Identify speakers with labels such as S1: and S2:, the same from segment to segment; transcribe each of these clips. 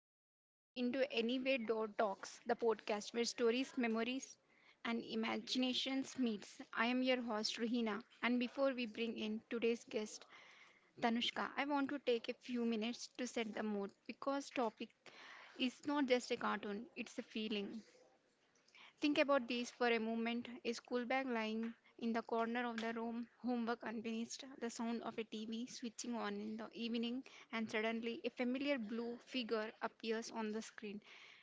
S1: tuned into Anywhere Door Talks, the podcast where stories, memories, and imaginations meets. I am your host Ruhina, and before we bring in today's guest Tanushka, I want to take a few minutes to set the mood because topic is not just a cartoon; it's a feeling. Think about this for a moment. A school bag lying in the corner of the room, homework unfinished, the sound of a TV switching on in the evening, and suddenly a familiar blue figure appears on the screen.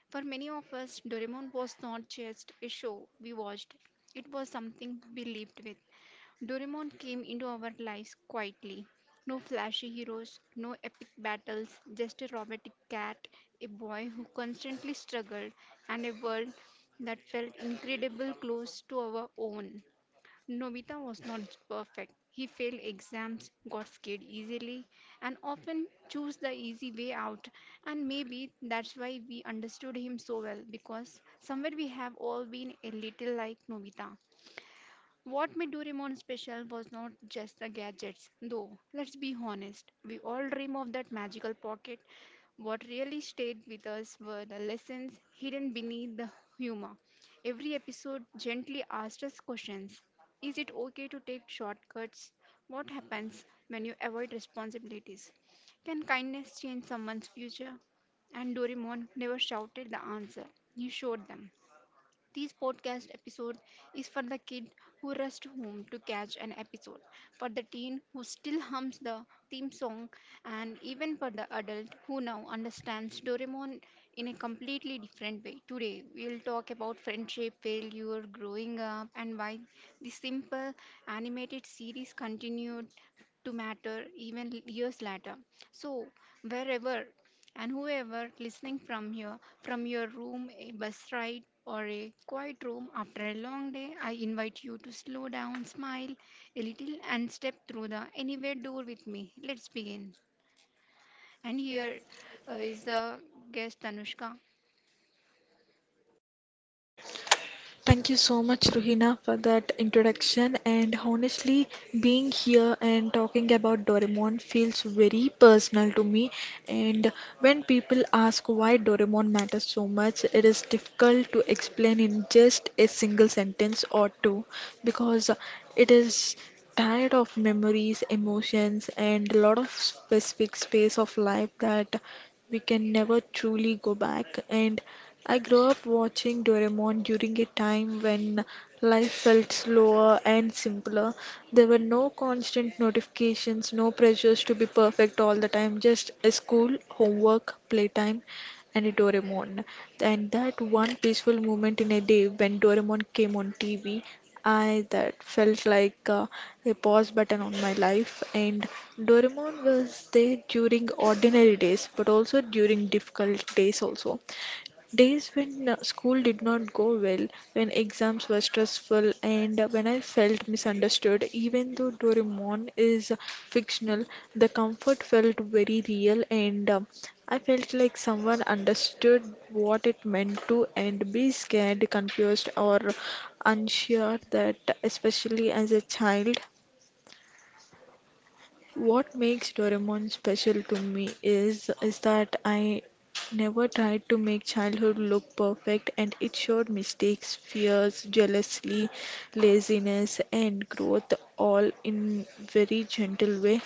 S1: For many of us, Doraemon was not just a show we watched, it was something we lived with. Doraemon came into our lives quietly. No flashy heroes, no epic battles, just a robotic cat, a boy who constantly struggled, and a world that felt incredibly close to our own. Nobita was not perfect. He failed exams, got scared easily, and often chose the easy way out. And maybe that's why we understood him so well, because somewhere we have all been a little like Nobita. What made Doraemon special was not just the gadgets, though. Let's be honest, we all dream of that magical pocket. What really stayed with us were the lessons hidden beneath the humor. Every episode gently asked us questions. Is it okay to take shortcuts? What happens when you avoid responsibilities? Can kindness change someone's future? And Doraemon never shouted the answer, he showed them. This podcast episode is for the kid who rushed home to catch an episode, for the teen who still hums the theme song, and even for the adult who now understands Doraemon in a completely different way. Today, we'll talk about friendship, failure, growing up, and why this simple animated series continued to matter even years later. So, wherever and whoever listening from here, from your room, a bus ride, or a quiet room after a long day, I invite you to slow down, smile a little, and step through the anywhere door with me. Let's begin. And here is the guest Tanushka.
S2: Thank you so much, Ruhina, for that introduction. And honestly, being here and talking about Doraemon feels very personal to me. And when people ask why Doraemon matters so much, it is difficult to explain in just a single sentence or two because it is tired of memories, emotions, and a lot of specific space of life that we can never truly go back. And I grew up watching Doraemon during a time when life felt slower and simpler. There were no constant notifications, no pressures to be perfect all the time, just a school, homework, playtime, and a Doraemon. And that one peaceful moment in a day when Doraemon came on TV, I that felt like a pause button on my life. And Doraemon was there during ordinary days, but also during difficult days also. Days when school did not go well, when exams were stressful, and when I felt misunderstood, even though Doraemon is fictional, the comfort felt very real, and I felt like someone understood what it meant to and be scared, confused, or unsure that, especially as a child. What makes Doraemon special to me is that I never tried to make childhood look perfect and it showed mistakes, fears, jealousy, laziness and growth all in very gentle way.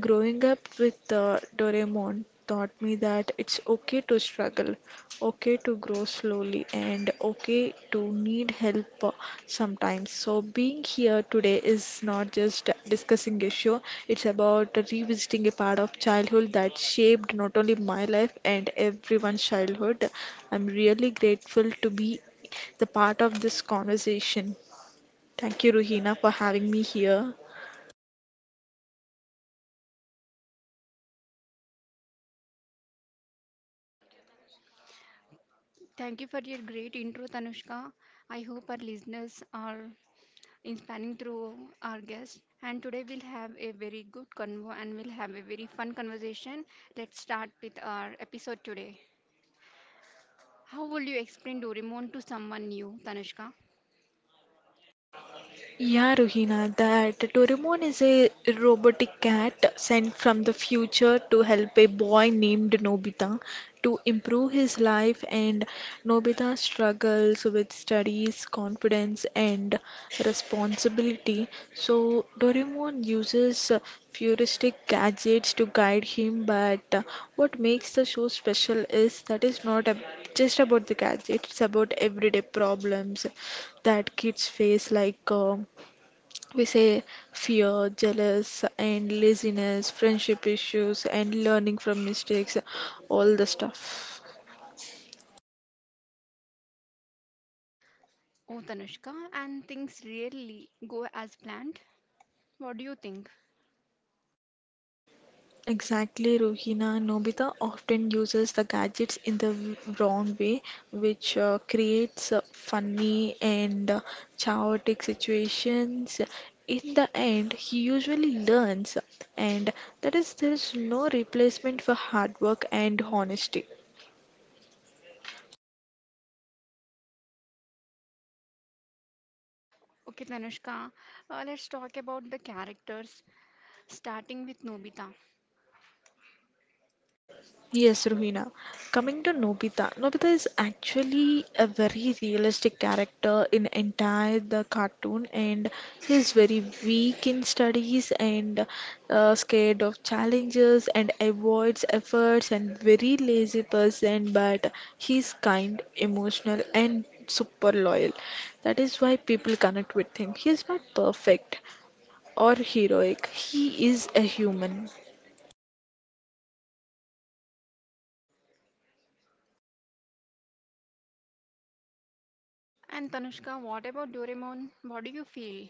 S2: Growing up with Doraemon taught me that it's okay to struggle, okay to grow slowly, and okay to need help sometimes. So being here today is not just discussing a show, it's about revisiting a part of childhood that shaped not only my life and everyone's childhood. I'm really grateful to be the part of this conversation. Thank you, Ruhina, for having me here.
S1: Thank you for your great intro, Tanushka. I hope our listeners are inspiring through our guest. And today we'll have a very good convo and we'll have a very fun conversation. Let's start with our episode today. How would you explain Doraemon to someone new, Tanushka?
S2: Yeah, Ruhina, that Doraemon is a robotic cat sent from the future to help a boy named Nobita to improve his life, and Nobita struggles with studies, confidence, and responsibility. So, Doraemon uses futuristic gadgets to guide him, but what makes the show special is that it's not just about the gadgets, it's about everyday problems that kids face, like, we say fear, jealous, and laziness, friendship issues, and learning from mistakes, all the stuff.
S1: Oh, Tanushka, and things really go as planned? What do you think?
S2: Exactly, Rohina. Nobita often uses the gadgets in the wrong way, which creates funny and chaotic situations. In the end, he usually learns, and that is, there is no replacement for hard work and honesty.
S1: Okay, Tanushka, let's talk about the characters, starting with Nobita.
S2: Yes, Ruhina. Coming to Nobita, Nobita is actually a very realistic character in entire the cartoon, and he's very weak in studies and scared of challenges and avoids efforts and very lazy person. But he's kind, emotional, and super loyal. That is why people connect with him. He is not perfect or heroic. He is a human.
S1: And Tanushka, what about Doraemon? What do you feel?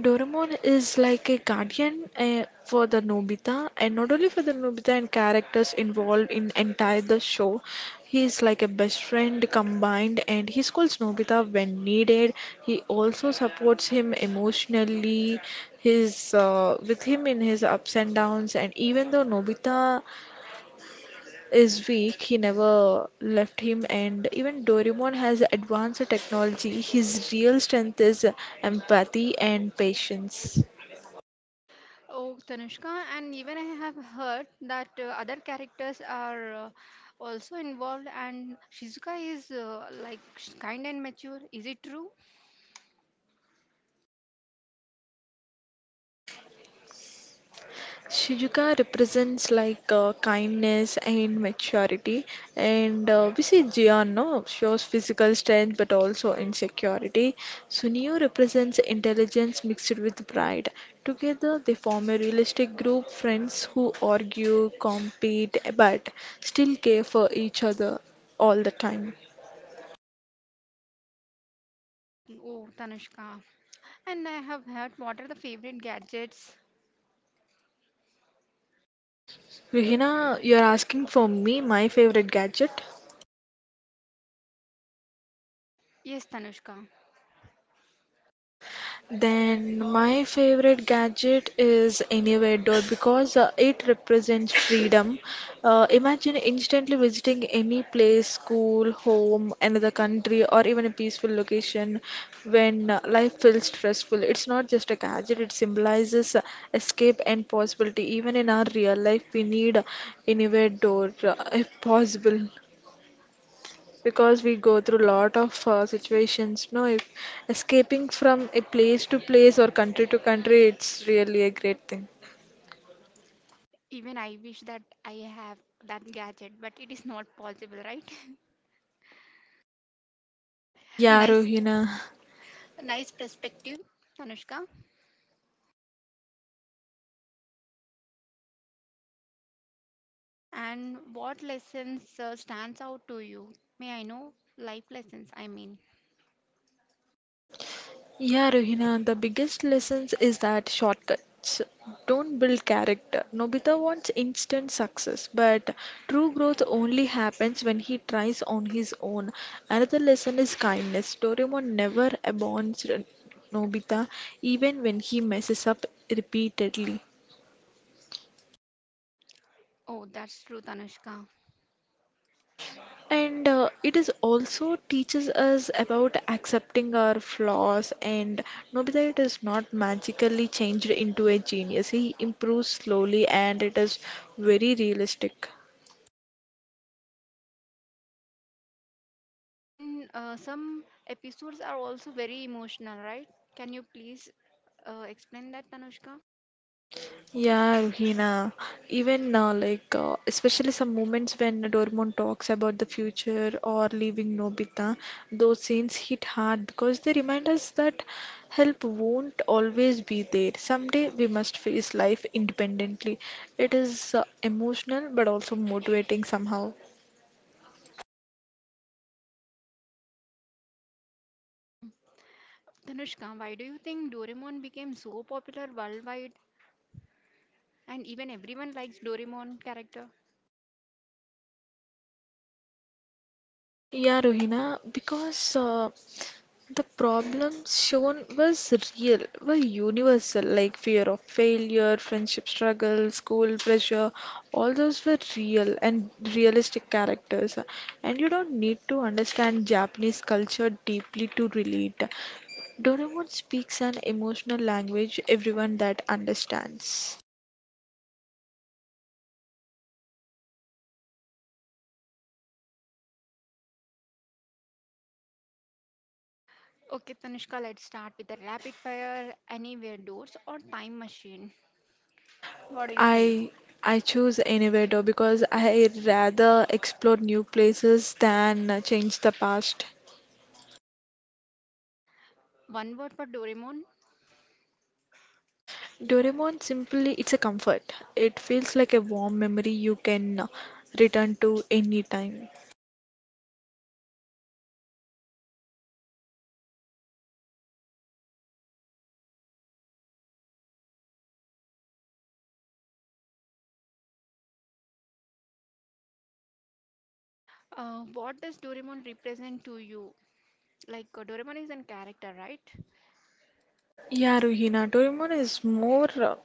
S2: Doraemon is like a guardian for the Nobita, and not only for the Nobita and characters involved in entire the show. He is like a best friend combined, and he calls Nobita when needed. He also supports him emotionally, his with him in his ups and downs. And even though Nobita is weak, he never left him. And even Doraemon has advanced technology. His real strength is empathy and patience.
S1: Oh, Tanushka, and even I have heard that other characters are also involved, and Shizuka is like kind and mature. Is it true?
S2: Shijuka represents like kindness and maturity, and we see Jian no shows physical strength but also insecurity. Sunio represents intelligence mixed with pride. Together, they form a realistic group friends who argue, compete, but still care for each other all the time.
S1: Oh, Tanushka. And I have heard what are the favorite gadgets?
S2: Vihina, you're asking for me my favorite gadget.
S1: Yes, Tanushka.
S2: Then my favorite gadget is anywhere door because it represents freedom. Imagine instantly visiting any place, school, home, another country, or even a peaceful location when life feels stressful. It's not just a gadget, it symbolizes escape and possibility. Even in our real life, we need anywhere door if possible because we go through lot of situations no if escaping from a place to place or country to country, it's really a great thing.
S1: Even I wish that I have that gadget, but it is not possible, right?
S2: Yeah,
S1: Nice,
S2: Rohina.
S1: nice perspective, Tanushka. And what lessons stands out to you? May I know life lessons? I mean,
S2: Yeah, Rohina, the biggest lessons is that shortcuts don't build character. Nobita wants instant success, but true growth only happens when he tries on his own. Another lesson is kindness. Doraemon never abandons Nobita even when he messes up repeatedly.
S1: oh, that's true, Tanushka.
S2: And it is also teaches us about accepting our flaws and Nobita it is not magically changed into a genius. He improves slowly and it is very realistic.
S1: And some episodes are also very emotional, right? Can you please explain that, Tanushka?
S2: Yeah, Ruhina. Even especially some moments when Doraemon talks about the future or leaving Nobita, those scenes hit hard because they remind us that help won't always be there. Someday we must face life independently. It is emotional but also motivating somehow.
S1: Um, Tanushka, why do you think Doraemon became so popular worldwide? And even everyone likes Doraemon character.
S2: Yeah, Rohina, because the problems shown was real, were universal, like fear of failure, friendship struggle, school pressure, all those were real and realistic characters. And you don't need to understand Japanese culture deeply to relate. Doraemon speaks an emotional language everyone that understands.
S1: Okay, Tanushka, let's start with the rapid fire anywhere doors or time machine. What do you think?
S2: I I choose innovator because I rather explore new places than change the past.
S1: One word for Doraemon.
S2: Doraemon simply it's a comfort. It feels like a warm memory you can return to any time.
S1: What does Doraemon represent to you? Like Doraemon is a character, right?
S2: Yeah, Ruhina, Doraemon is more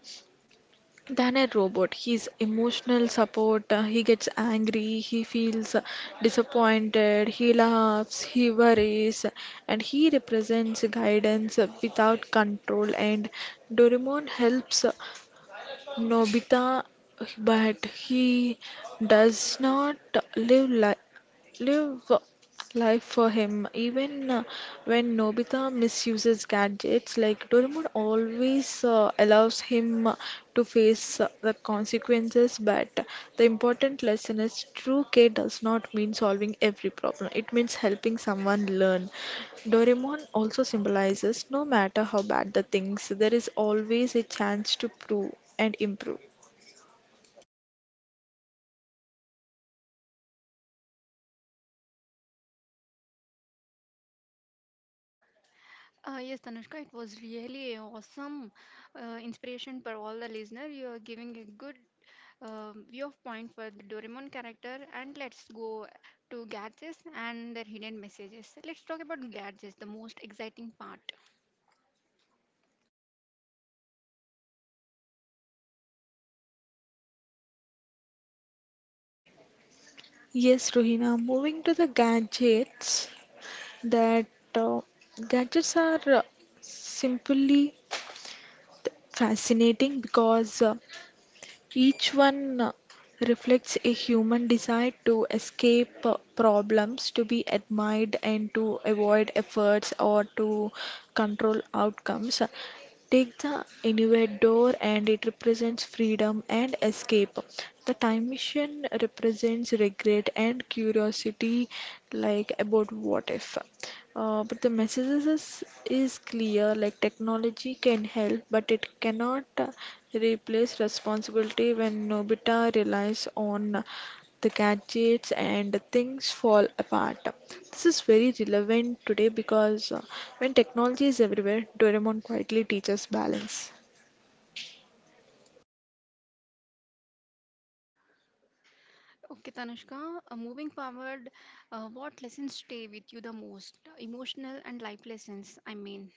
S2: than a robot. He's emotional support, he gets angry, he feels disappointed, he laughs, he worries, and he represents guidance without control. And Doraemon helps Nobita, but he does not live li live life for him. Even when Nobita misuses gadgets, like Doraemon always allows him to face the consequences. But the important lesson is true care does not mean solving every problem, it means helping someone learn. Doraemon also symbolizes no matter how bad the things, there is always a chance to prove and improve.
S1: Yes, Tanushka, it was really awesome inspiration for all the listener. You are giving a good view of point for the Doraemon character. And let's go to gadgets and their hidden messages. Let's talk about gadgets, the most exciting part.
S2: Yes, Rohina, moving to the gadgets. That uh, Gadgets are simply fascinating because each one reflects a human desire to escape problems, to be admired, and to avoid efforts or to control outcomes. Take the anywhere door, and it represents freedom and escape. The time machine represents regret and curiosity, like about what if. But the messages is clear, like technology can help, but it cannot replace responsibility when Nobita relies on the gadgets and things fall apart. This is very relevant today because when technology is everywhere, Doraemon quietly teaches balance.
S1: Okay, Tanushka, moving forward, what lessons stay with you the most? Emotional and life lessons, I mean.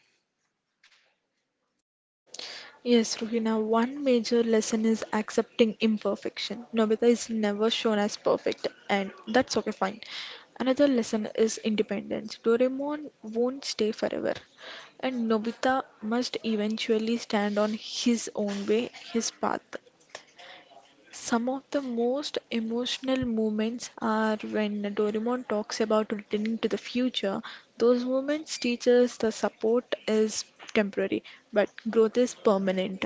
S2: Yes, Ruhina, one major lesson is accepting imperfection. Nobita is never shown as perfect, and that's okay, fine. Another lesson is independence. Doraemon won't stay forever, and Nobita must eventually stand on his own way, his path. Some of the most emotional moments are when Doraemon talks about returning to the future. Those moments teach us the support is temporary, but growth is permanent.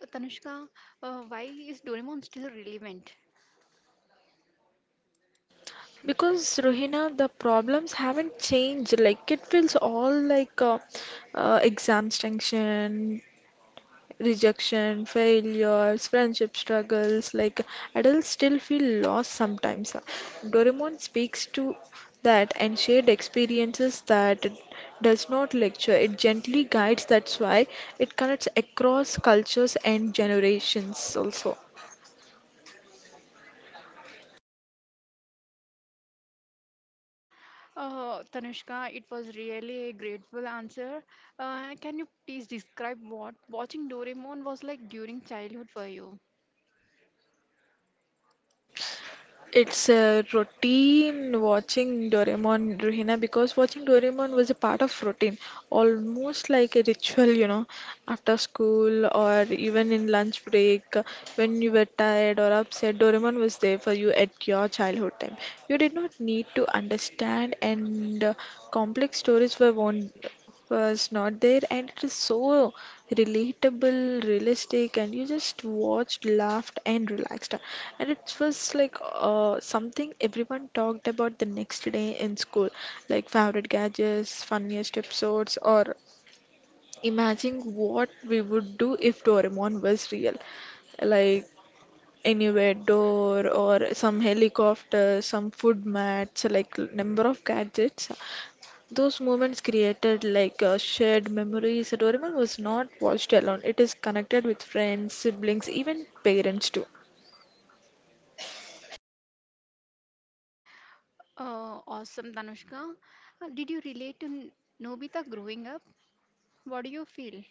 S1: Tanushka, why is Doraemon still relevant?
S2: Because Rohina, the problems haven't changed. Like it feels all like exams tension, rejection, failures, friendship struggles. Like adults still feel lost sometimes. Doraemon speaks to that and shared experiences that it does not lecture. It gently guides. That's why it connects across cultures and generations also.
S1: Tanushka, it was really a grateful answer. Can you please describe what watching Doraemon was like during childhood for you?
S2: It's a routine watching Doraemon, Ruhina, because watching Doraemon was a part of routine, almost like a ritual, you know, after school or even in lunch break, when you were tired or upset, Doraemon was there for you at your childhood time. You did not need to understand, and complex stories were won was not there, and it is so relatable, realistic, and you just watched, laughed, and relaxed. And it was like something everyone talked about the next day in school, like favorite gadgets, funniest episodes, or imagine what we would do if Doraemon was real. Like anywhere door or some helicopter, some food mats, like number of gadgets, those moments created like shared memories. Doraemon was not watched alone. It is connected with friends, siblings, even parents too.
S1: Awesome, Tanushka. Did you relate to Nobita growing up? What do you feel?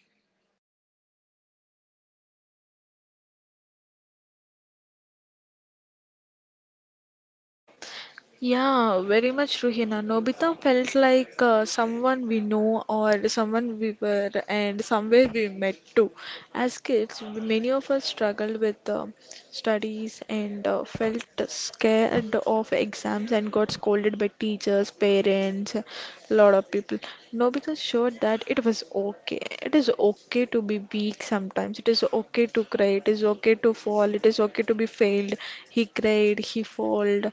S2: Yeah, very much true, Nobita felt like someone we know or someone we were and somewhere we met too. As kids, many of us struggled with studies and felt scared of exams and got scolded by teachers, parents, a lot of people. Nobita showed that it was okay. It is okay to be weak sometimes. It is okay to cry. It is okay to fall. It is okay to be failed. He cried,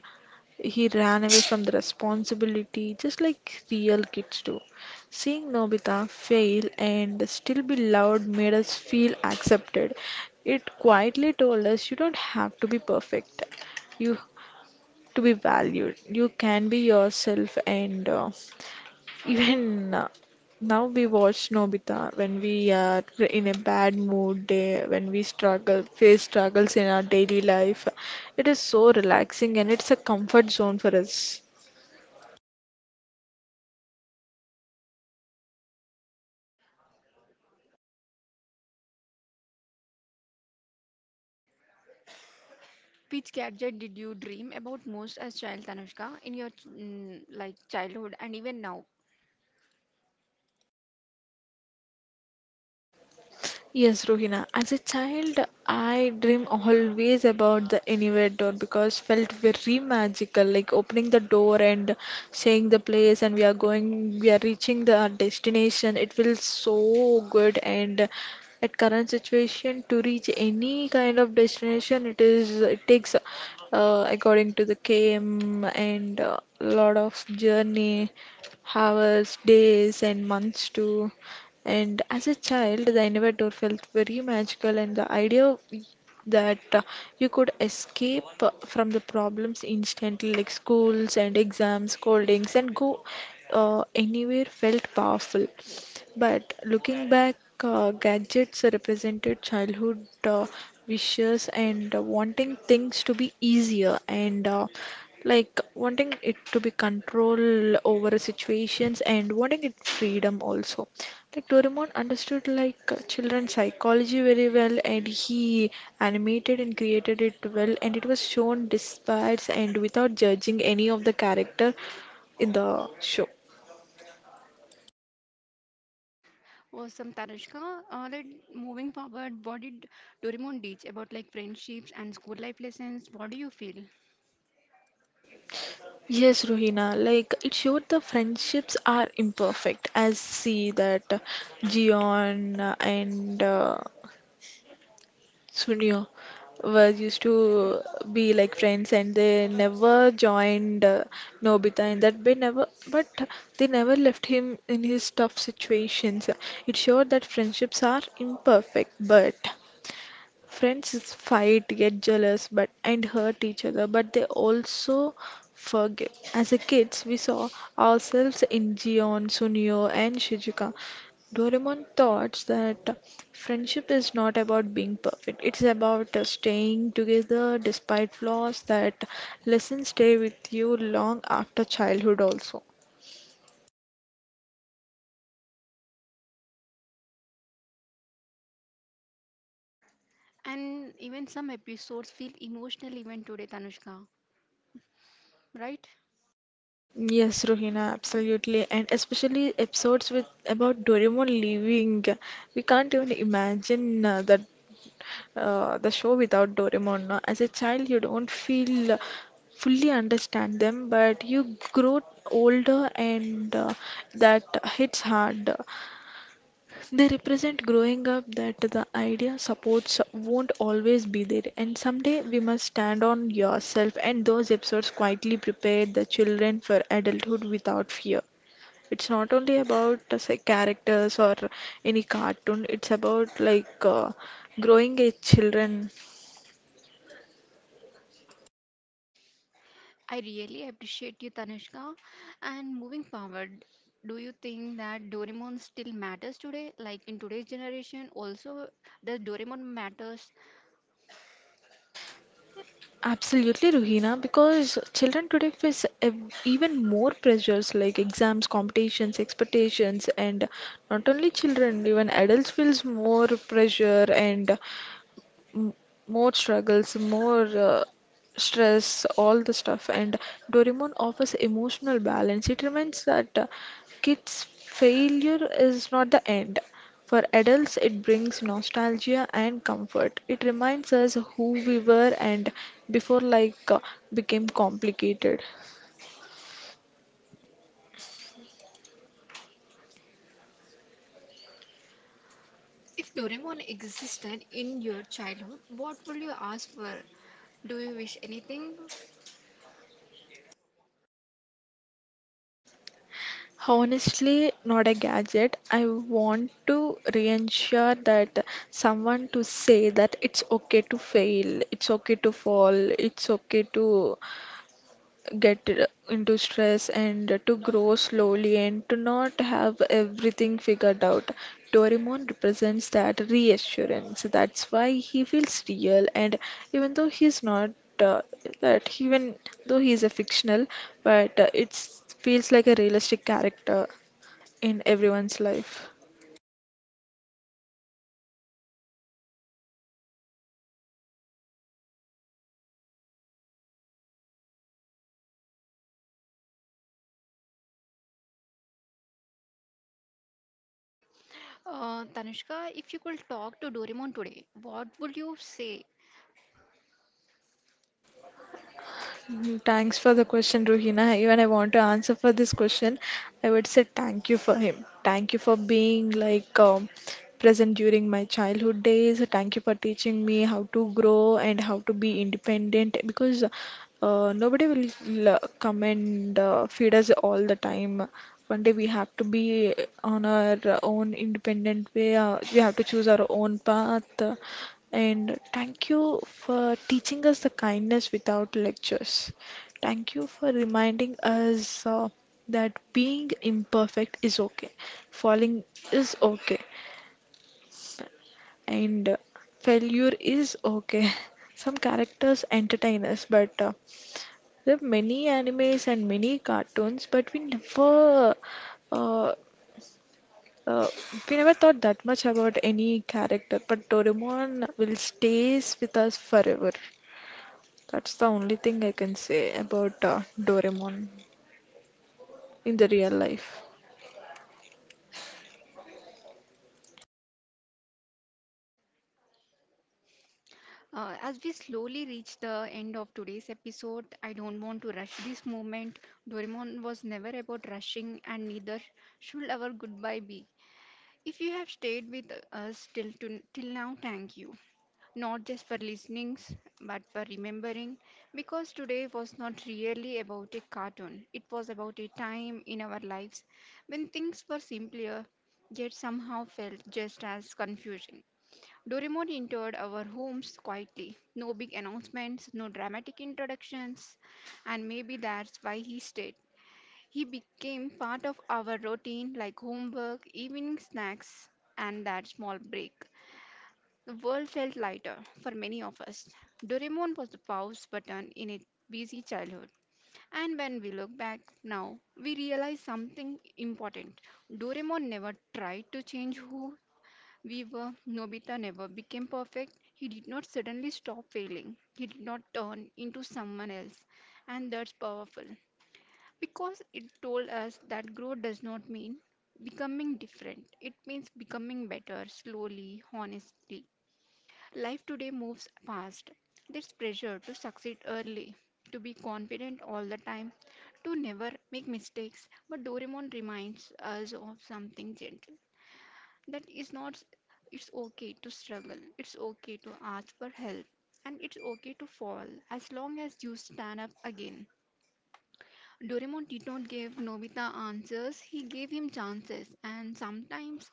S2: he ran away from the responsibility just like real kids do. Seeing Nobita fail and still be loved made us feel accepted. It quietly told us you don't have to be perfect. You to be valued. You can be yourself and even now we watch Nobita when we are in a bad mood day, when we struggle, face struggles in our daily life. It is so relaxing and it's a comfort zone for us.
S1: Which gadget did you dream about most as child, Tanushka, in your like childhood and even now?
S2: Yes, Rohina. As a child, I dream always about the anywhere door because felt very magical, like opening the door and seeing the place, and we are going, we are reaching the our destination. It feels so good, and at current situation, to reach any kind of destination, it takes according to the KM and a lot of journey, hours, days, and months to. And as a child, the elevator felt very magical, and the idea that you could escape from the problems instantly, like schools and exams, scoldings, and go anywhere felt powerful. But looking back, gadgets represented childhood wishes and wanting things to be easier and like wanting it to be control over situations and wanting it freedom also. Like Doraemon understood like children's psychology very well, and he animated and created it well, and it was shown despite and without judging any of the character in the show.
S1: Was some Tanushka, like moving forward, what did Doraemon teach about like friendships and school life lessons? What do you feel?
S2: Yes, Rohina, like it showed the friendships are imperfect, as see that Gion and Sunio was used to be like friends and they never joined Nobita in that way never but they never left him in his tough situations. It showed that friendships are imperfect but friends fight, get jealous, but and hurt each other, but they also forgive. As a kids, we saw ourselves in Gion, Sunio, and Shizuka. Doraemon thought that friendship is not about being perfect. It's about staying together despite flaws. That lessons stay with you long after childhood also.
S1: And even some episodes feel emotional even today, Tanushka, right?
S2: Yes, Rohina, absolutely, and especially episodes with about Doraemon leaving. We can't even imagine that the show without Doraemon. No? As a child, you don't feel fully understand them, but you grow older, and that hits hard. They represent growing up that the idea supports won't always be there, and someday we must stand on yourself. And those episodes quietly prepare the children for adulthood without fear. It's not only about say characters or any cartoon, it's about like growing a children.
S1: I really appreciate you, Tanushka. And moving forward, do you think that Doraemon still matters today? Like in today's generation, also does Doraemon matters?
S2: Absolutely, Ruhina, because children today face ev even more pressures like exams, competitions, expectations, and not only children, even adults feels more pressure and m- more struggles, more stress, all the stuff. And Doraemon offers emotional balance. It reminds that kids' failure is not the end. For adults, it brings nostalgia and comfort. It reminds us who we were and before life became complicated.
S1: If Doraemon existed in your childhood, what would you ask for? Do you wish anything?
S2: Honestly, not a gadget. I want to reassure that someone to say that it's okay to fail, it's okay to fall, it's okay to get into stress and to grow slowly and to not have everything figured out. Doraemon represents that reassurance. That's why he feels real and even though he's not uh, that even though he's a fictional, but it feels like a realistic character in everyone's life.
S1: Tanushka, if you could talk to Doraemon today, what would you say?
S2: Mhm. Thanks for the question, Ruhina. Even I want to answer for this question. I would say thank you for him. Thank you for being like present during my childhood days. Thank you for teaching me how to grow and how to be independent because nobody will come and feed us all the time. One day we have to be on our own independent way. We have to choose our own path. And thank you for teaching us the kindness without lectures. Thank you for reminding us that being imperfect is okay, falling is okay, and failure is okay. Some characters entertain us, but there are many animes and many cartoons, but uh, uh, we never thought that much about any character, but Doraemon will stays with us forever. That's the only thing I can say about Doraemon in the real life.
S1: As we slowly reach the end of today's episode, I don't want to rush this moment. Doraemon was never about rushing, and neither should our goodbye be. If you have stayed with us till now, thank you. Not just for listening, but for remembering. Because today was not really about a cartoon. It was about a time in our lives when things were simpler, yet somehow felt just as confusing. Doraemon entered our homes quietly. No big announcements, no dramatic introductions, and maybe that's why he stayed. He became part of our routine like homework, evening snacks, and that small break. The world felt lighter for many of us. Doraemon was the pause button in a busy childhood. And when we look back now, we realize something important. Doraemon never tried to change who we were. Nobita never became perfect. He did not suddenly stop failing. He did not turn into someone else. And that's powerful. Because it told us that growth does not mean becoming different, it means becoming better slowly, honestly. Life today moves fast. There's pressure to succeed early, to be confident all the time, to never make mistakes. But Doraemon reminds us of something gentle that is not it's okay to struggle, it's okay to ask for help, and it's okay to fall as long as you stand up again. Doraemon did not give Nobita answers, he gave him chances, and sometimes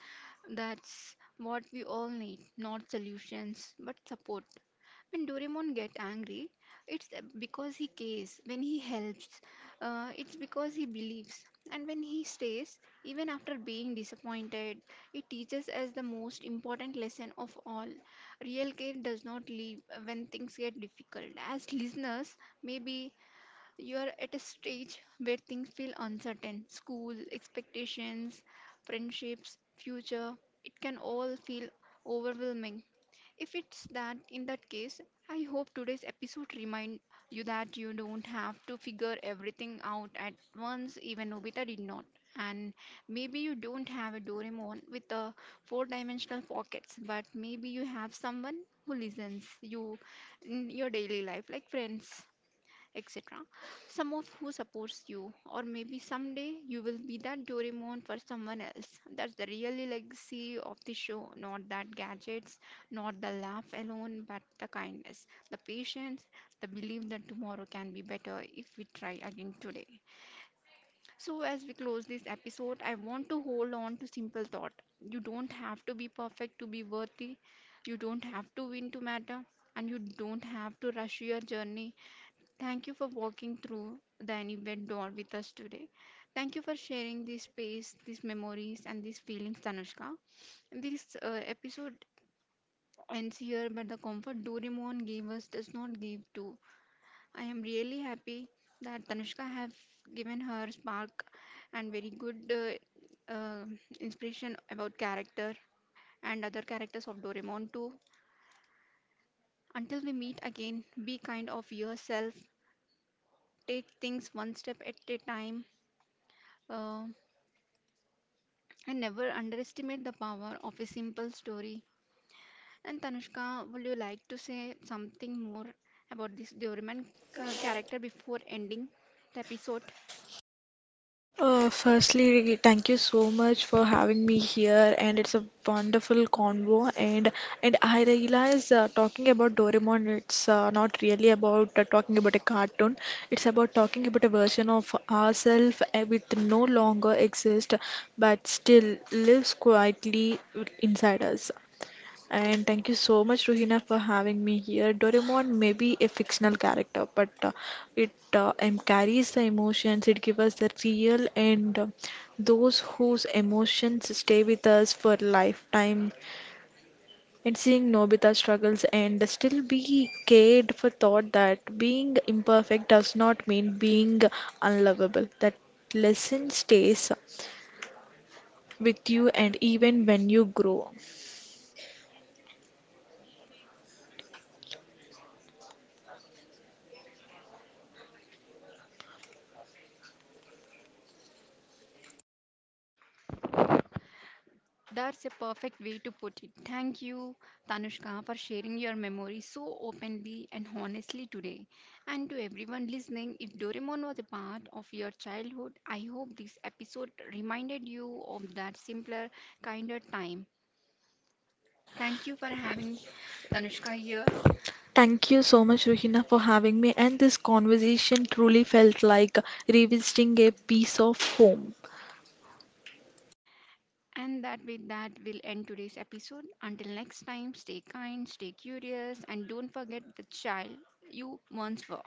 S1: that's what we all need not solutions, but support. When Doraemon get angry, it's because he cares. When he helps, it's because he believes. And when he stays, even after being disappointed, it teaches us the most important lesson of all. Real care does not leave when things get difficult. As listeners, maybe you are at a stage where things feel uncertain school, expectations, friendships, future. It can all feel overwhelming. If it's that, in that case, I hope today's episode remind you that you don't have to figure everything out at once, even Nobita did not. And maybe you don't have a Doraemon with a four-dimensional pockets, but maybe you have someone who listens you in your daily life, like friends, etc. Some of who supports you, or maybe someday you will be that Doraemon for someone else. That's the real legacy of the show, not that gadgets, not the laugh alone, but the kindness, the patience, the belief that tomorrow can be better if we try again today. So, as we close this episode, I want to hold on to simple thought. You don't have to be perfect to be worthy. You don't have to win to matter. And you don't have to rush your journey. Thank you for walking through the Anywhere door with us today. Thank you for sharing this space, these memories, and these feelings, Tanushka. This episode ends here, but the comfort Doraemon gave us does not give to. I am really happy that Tanushka have given her spark and very good inspiration about character and other characters of Doraemon too. Until we meet again, be kind of yourself. Take things one step at a time. Uh, and never underestimate the power of a simple story. And Tanushka, would you like to say something more about this Doraemon character before ending the episode?
S2: Firstly, thank you so much for having me here, and it's a wonderful convo. And I realize talking about Doraemon, it's not really about talking about a cartoon. It's about talking about a version of ourselves with no longer exist, but still lives quietly inside us. And thank you so much, Ruhina, for having me here. Doraemon may be a fictional character, but it carries the emotions, it gives us the real, and those whose emotions stay with us for lifetime. And seeing Nobita struggles and still be cared for thought that being imperfect does not mean being unlovable. That lesson stays with you, and even when you grow.
S1: That's a perfect way to put it. Thank you, Tanushka, for sharing your memories so openly and honestly today. And to everyone listening, if Doraemon was a part of your childhood, I hope this episode reminded you of that simpler, kinder time. Thank you for having Tanushka here.
S2: Thank you so much, Ruhina, for having me. And this conversation truly felt like revisiting a piece of home.
S1: And that with that will end today's episode. Until next time, stay kind, stay curious, and don't forget the child you once were.